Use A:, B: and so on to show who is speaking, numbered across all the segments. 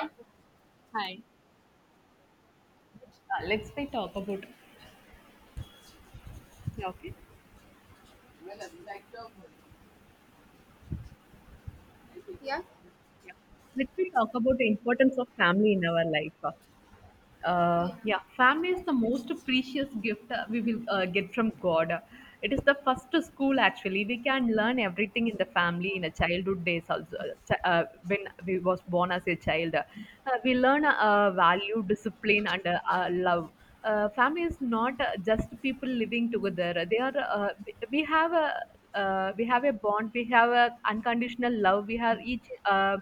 A: I,
B: Hi. Let's we talk about. Yeah, okay.
A: yeah,
B: Yeah. Let's we talk about the importance of family in our life.
A: yeah,
B: Yeah, family is the most precious gift we will get from God. It is the first school actually. We can learn everything in the family in a childhood days also. When we was born as a child, we learn value, discipline, and love. Family is not just people living together. They are. We have a bond. We have a unconditional love. We have each.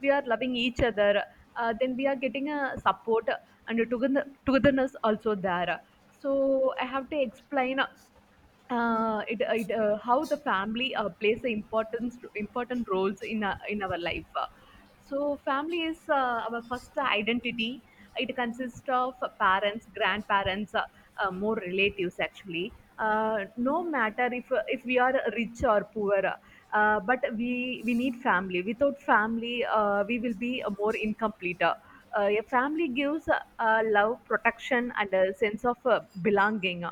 B: We are loving each other, then we are getting a support and a togetherness also there. So I have to explain it, it how the family plays the importance important roles in our life. So, family is our first identity. It consists of parents, grandparents, more relatives actually. No matter if we are rich or poor, but we need family. Without family, we will be more incomplete. A family gives love, protection, and a sense of belonging.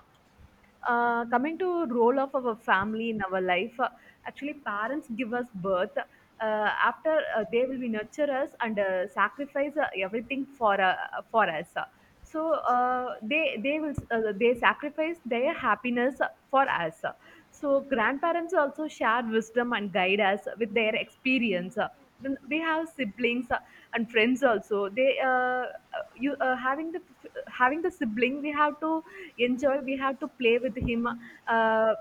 B: Coming to role of our family in our life, actually parents give us birth. After they will be nurture us and sacrifice everything for us. So they sacrifice their happiness for us. So grandparents also share wisdom and guide us with their experience. Then we have siblings and friends also. They you Having the sibling, we have to enjoy, we have to play with him. uh,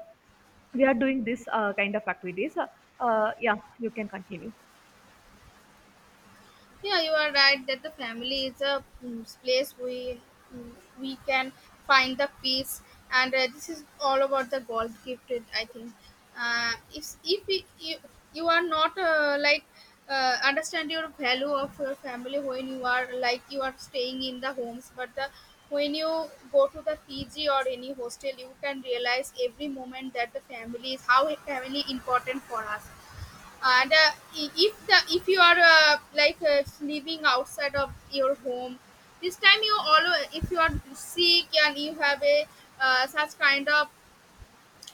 B: we are doing this kind of activities. Yeah, you can continue.
A: yeah. You are right that the family is a place we mm, we can find the peace, and this is all about the God gifted. I think if you are not like understand your value of your family when you are like you are staying in the homes, but the when you go to the PG or any hostel. You can realize every moment that the family is how family important for us. And if you are like living outside of your home. This time you always, if you are sick and you have a such kind of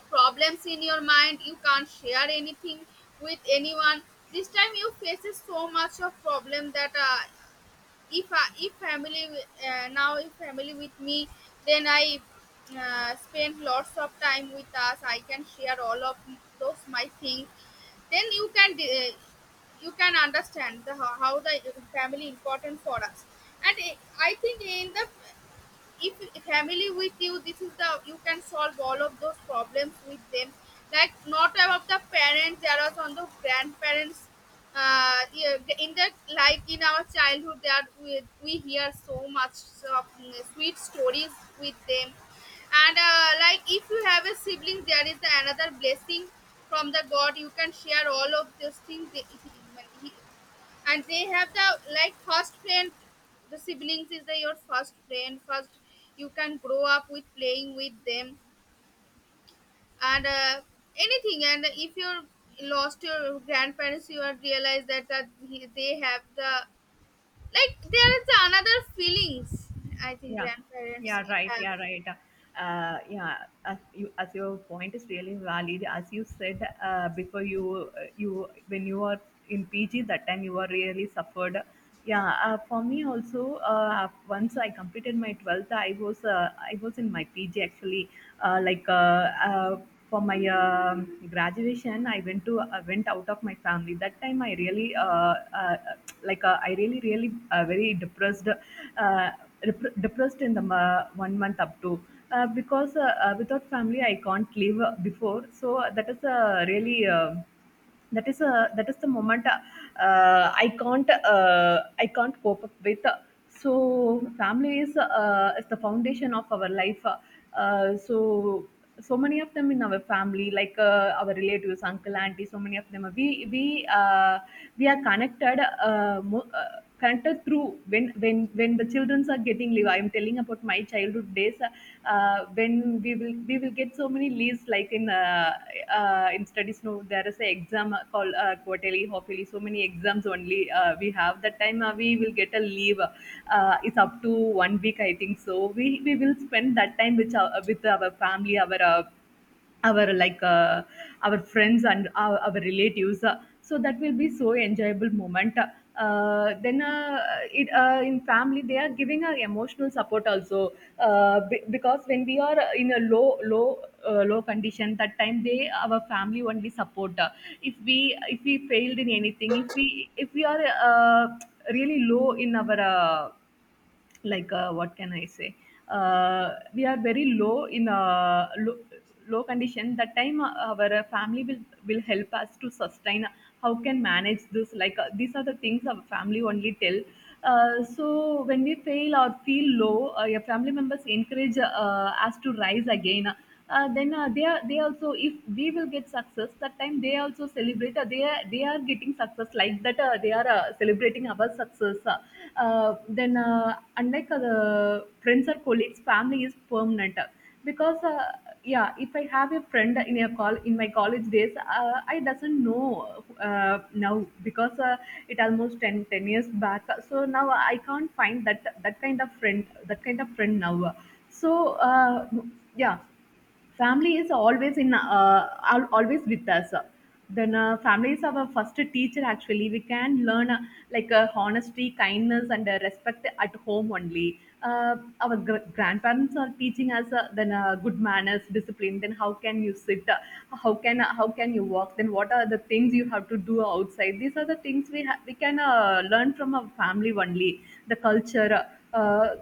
A: problems in your mind, you can't share anything with anyone. This time you faces so much of problem that if family wi- now if family with me, then I spend lots of time with us. I can share all of those my things. Then you can understand how the family important for us. And I think in the if family with you, this is the you can solve all of those problems with them. Like not about the parents, there are on the grandparents. Yeah, in that, like in our childhood that we hear so much of sweet stories with them. And like if you have a sibling, there is another blessing from the god. You can share all of those things. He- and they have the, like, first friend. The siblings is the your first friend first. You can grow up with playing with them. And anything. And if you lost your grandparents, you are realize that they have the, like, there is another feelings, I think
B: Yeah,
A: grandparents
B: yeah, right,
A: have.
B: yeah, right. Yeah, as your point is really valid. As you said before, you when you were in PG that time you were really suffered. Yeah, for me also. Once I completed my 12th, I was in my PG actually. Uh, like uh, uh, for my graduation, I went out of my family. That time I really, uh, I really very depressed. Depressed in the 1 month up to, because without family I can't live before. So, that is a really that is a that is the moment. Uh, i can't I can't cope up with. So family is the foundation of our life. So many of them in our family, like our relatives, uncle, auntie, so many of them, we uh, we are connected. Through when the children are getting leave. I'm telling about my childhood days. When we will get so many leaves like in studies. No, there is a exam called quarterly, hopefully so many exams only we have. That time we will get a leave. It's up to 1 week, I think. So we will spend that time with our family, our like uh, our friends, and our relatives. So that will be so enjoyable moment. uh, then uh, in family they are giving a emotional support also. Because when we are in a low condition, that time they our family only support. If we, failed in anything, if we are uh, really low in our what can I say, we are very low in a low, low condition. That time our family will help us to sustain. How can manage this? Like these are the things our family only tell. So when we fail or feel low, your family members encourage us to rise again. Then They also, if we will get success, that time they also celebrate. They are getting success like that. They are celebrating our success. Then Unlike the friends or colleagues, family is permanent. Because Yeah, if I have a friend in a call in my college days, I doesn't know now, because it almost ten years back. So now I can't find that that kind of friend that kind of friend now. So, uh, yeah, family is always in, always with us. Then Family is our first teacher. Actually we can learn honesty, kindness, and respect at home only. Our grandparents are teaching us. Then Good manners, discipline, then how can you sit, how can, you walk, then what are the things you have to do outside. These are the things we can learn from our family only. The culture, uh,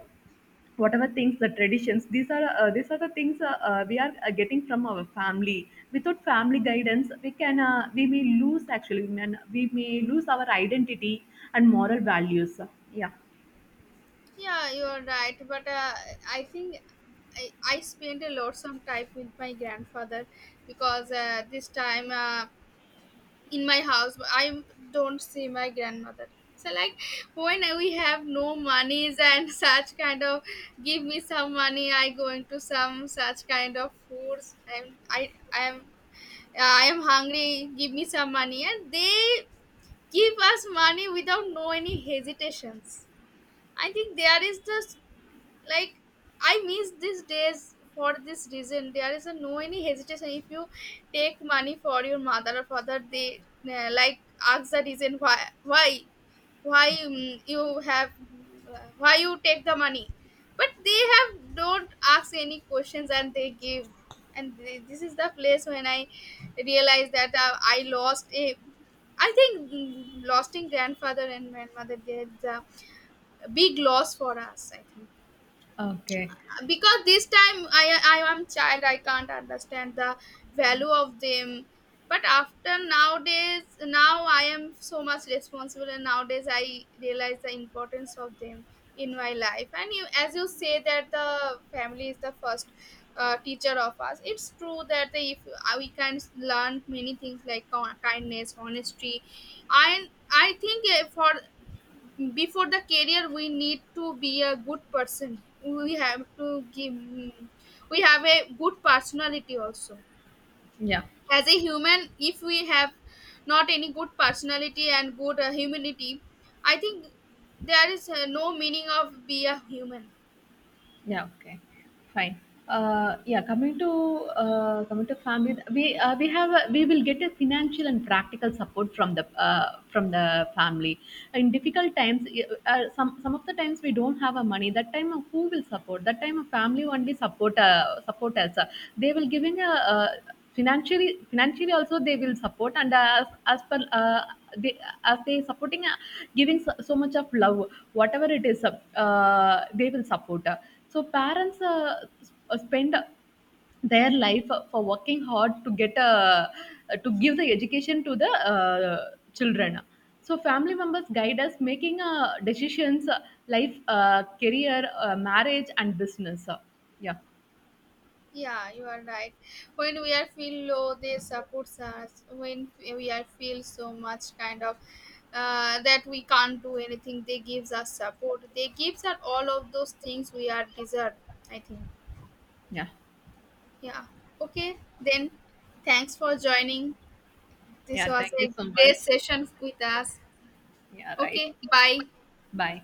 B: whatever things, the traditions, these are the things we are getting from our family. Without family guidance, we can, we may lose actually, we may lose our identity and moral values. Yeah.
A: Yeah, you are right, but I think I spent a lot some time with my grandfather, because this time in my house, but I don't see my grandmother. So like when we have no monies and such kind of, give me some money, I going to some such kind of foods. I am hungry, give me some money, and they give us money without no any hesitations. I think there is this, like, I miss these days. For this reason there is a no any hesitation. If you take money for your mother or father, they like ask the reason why why you have why you take the money. But they have don't ask any questions and they give. And this is the place when I realized that I lost a, I think, lost in grandfather and grandmother, there's a big loss for us, I think.
B: Okay.
A: Because this time I am child, I can't understand the value of them. But after nowadays, now I am so much responsible, and nowadays I realize the importance of them in my life. And you, as you say that the family is the first teacher of us, it's true that if we can learn many things like kindness, honesty. And I think for before the career we need to be a good person. We have to give, we have a good personality also.
B: Yeah.
A: As a human, if we have not any good personality and good humanity, I think there is no meaning of be a human.
B: Yeah, okay. Fine. Yeah, coming to family, we will get a financial and practical support from the family. In difficult times, some of the times we don't have a money. That time, who will support? That time, a family only support, us. They will giving a. Financially also they will support, and as per they as they supporting, giving so, so much of love, whatever it is, they will support. So parents spend their life for working hard to give the education to the children. So family members guide us making decisions, life, career, marriage, and business. Yeah,
A: Yeah, you are right. When we are feel low, they support us. When we are feel so much kind of that we can't do anything, they gives us support. They gives us all of those things we are deserve. I think.
B: yeah,
A: Yeah. Okay. Then, thanks for joining. This
B: yeah,
A: was
B: thank you
A: a
B: so
A: great
B: much,
A: session with us.
B: yeah, right.
A: Okay. Bye.
B: Bye.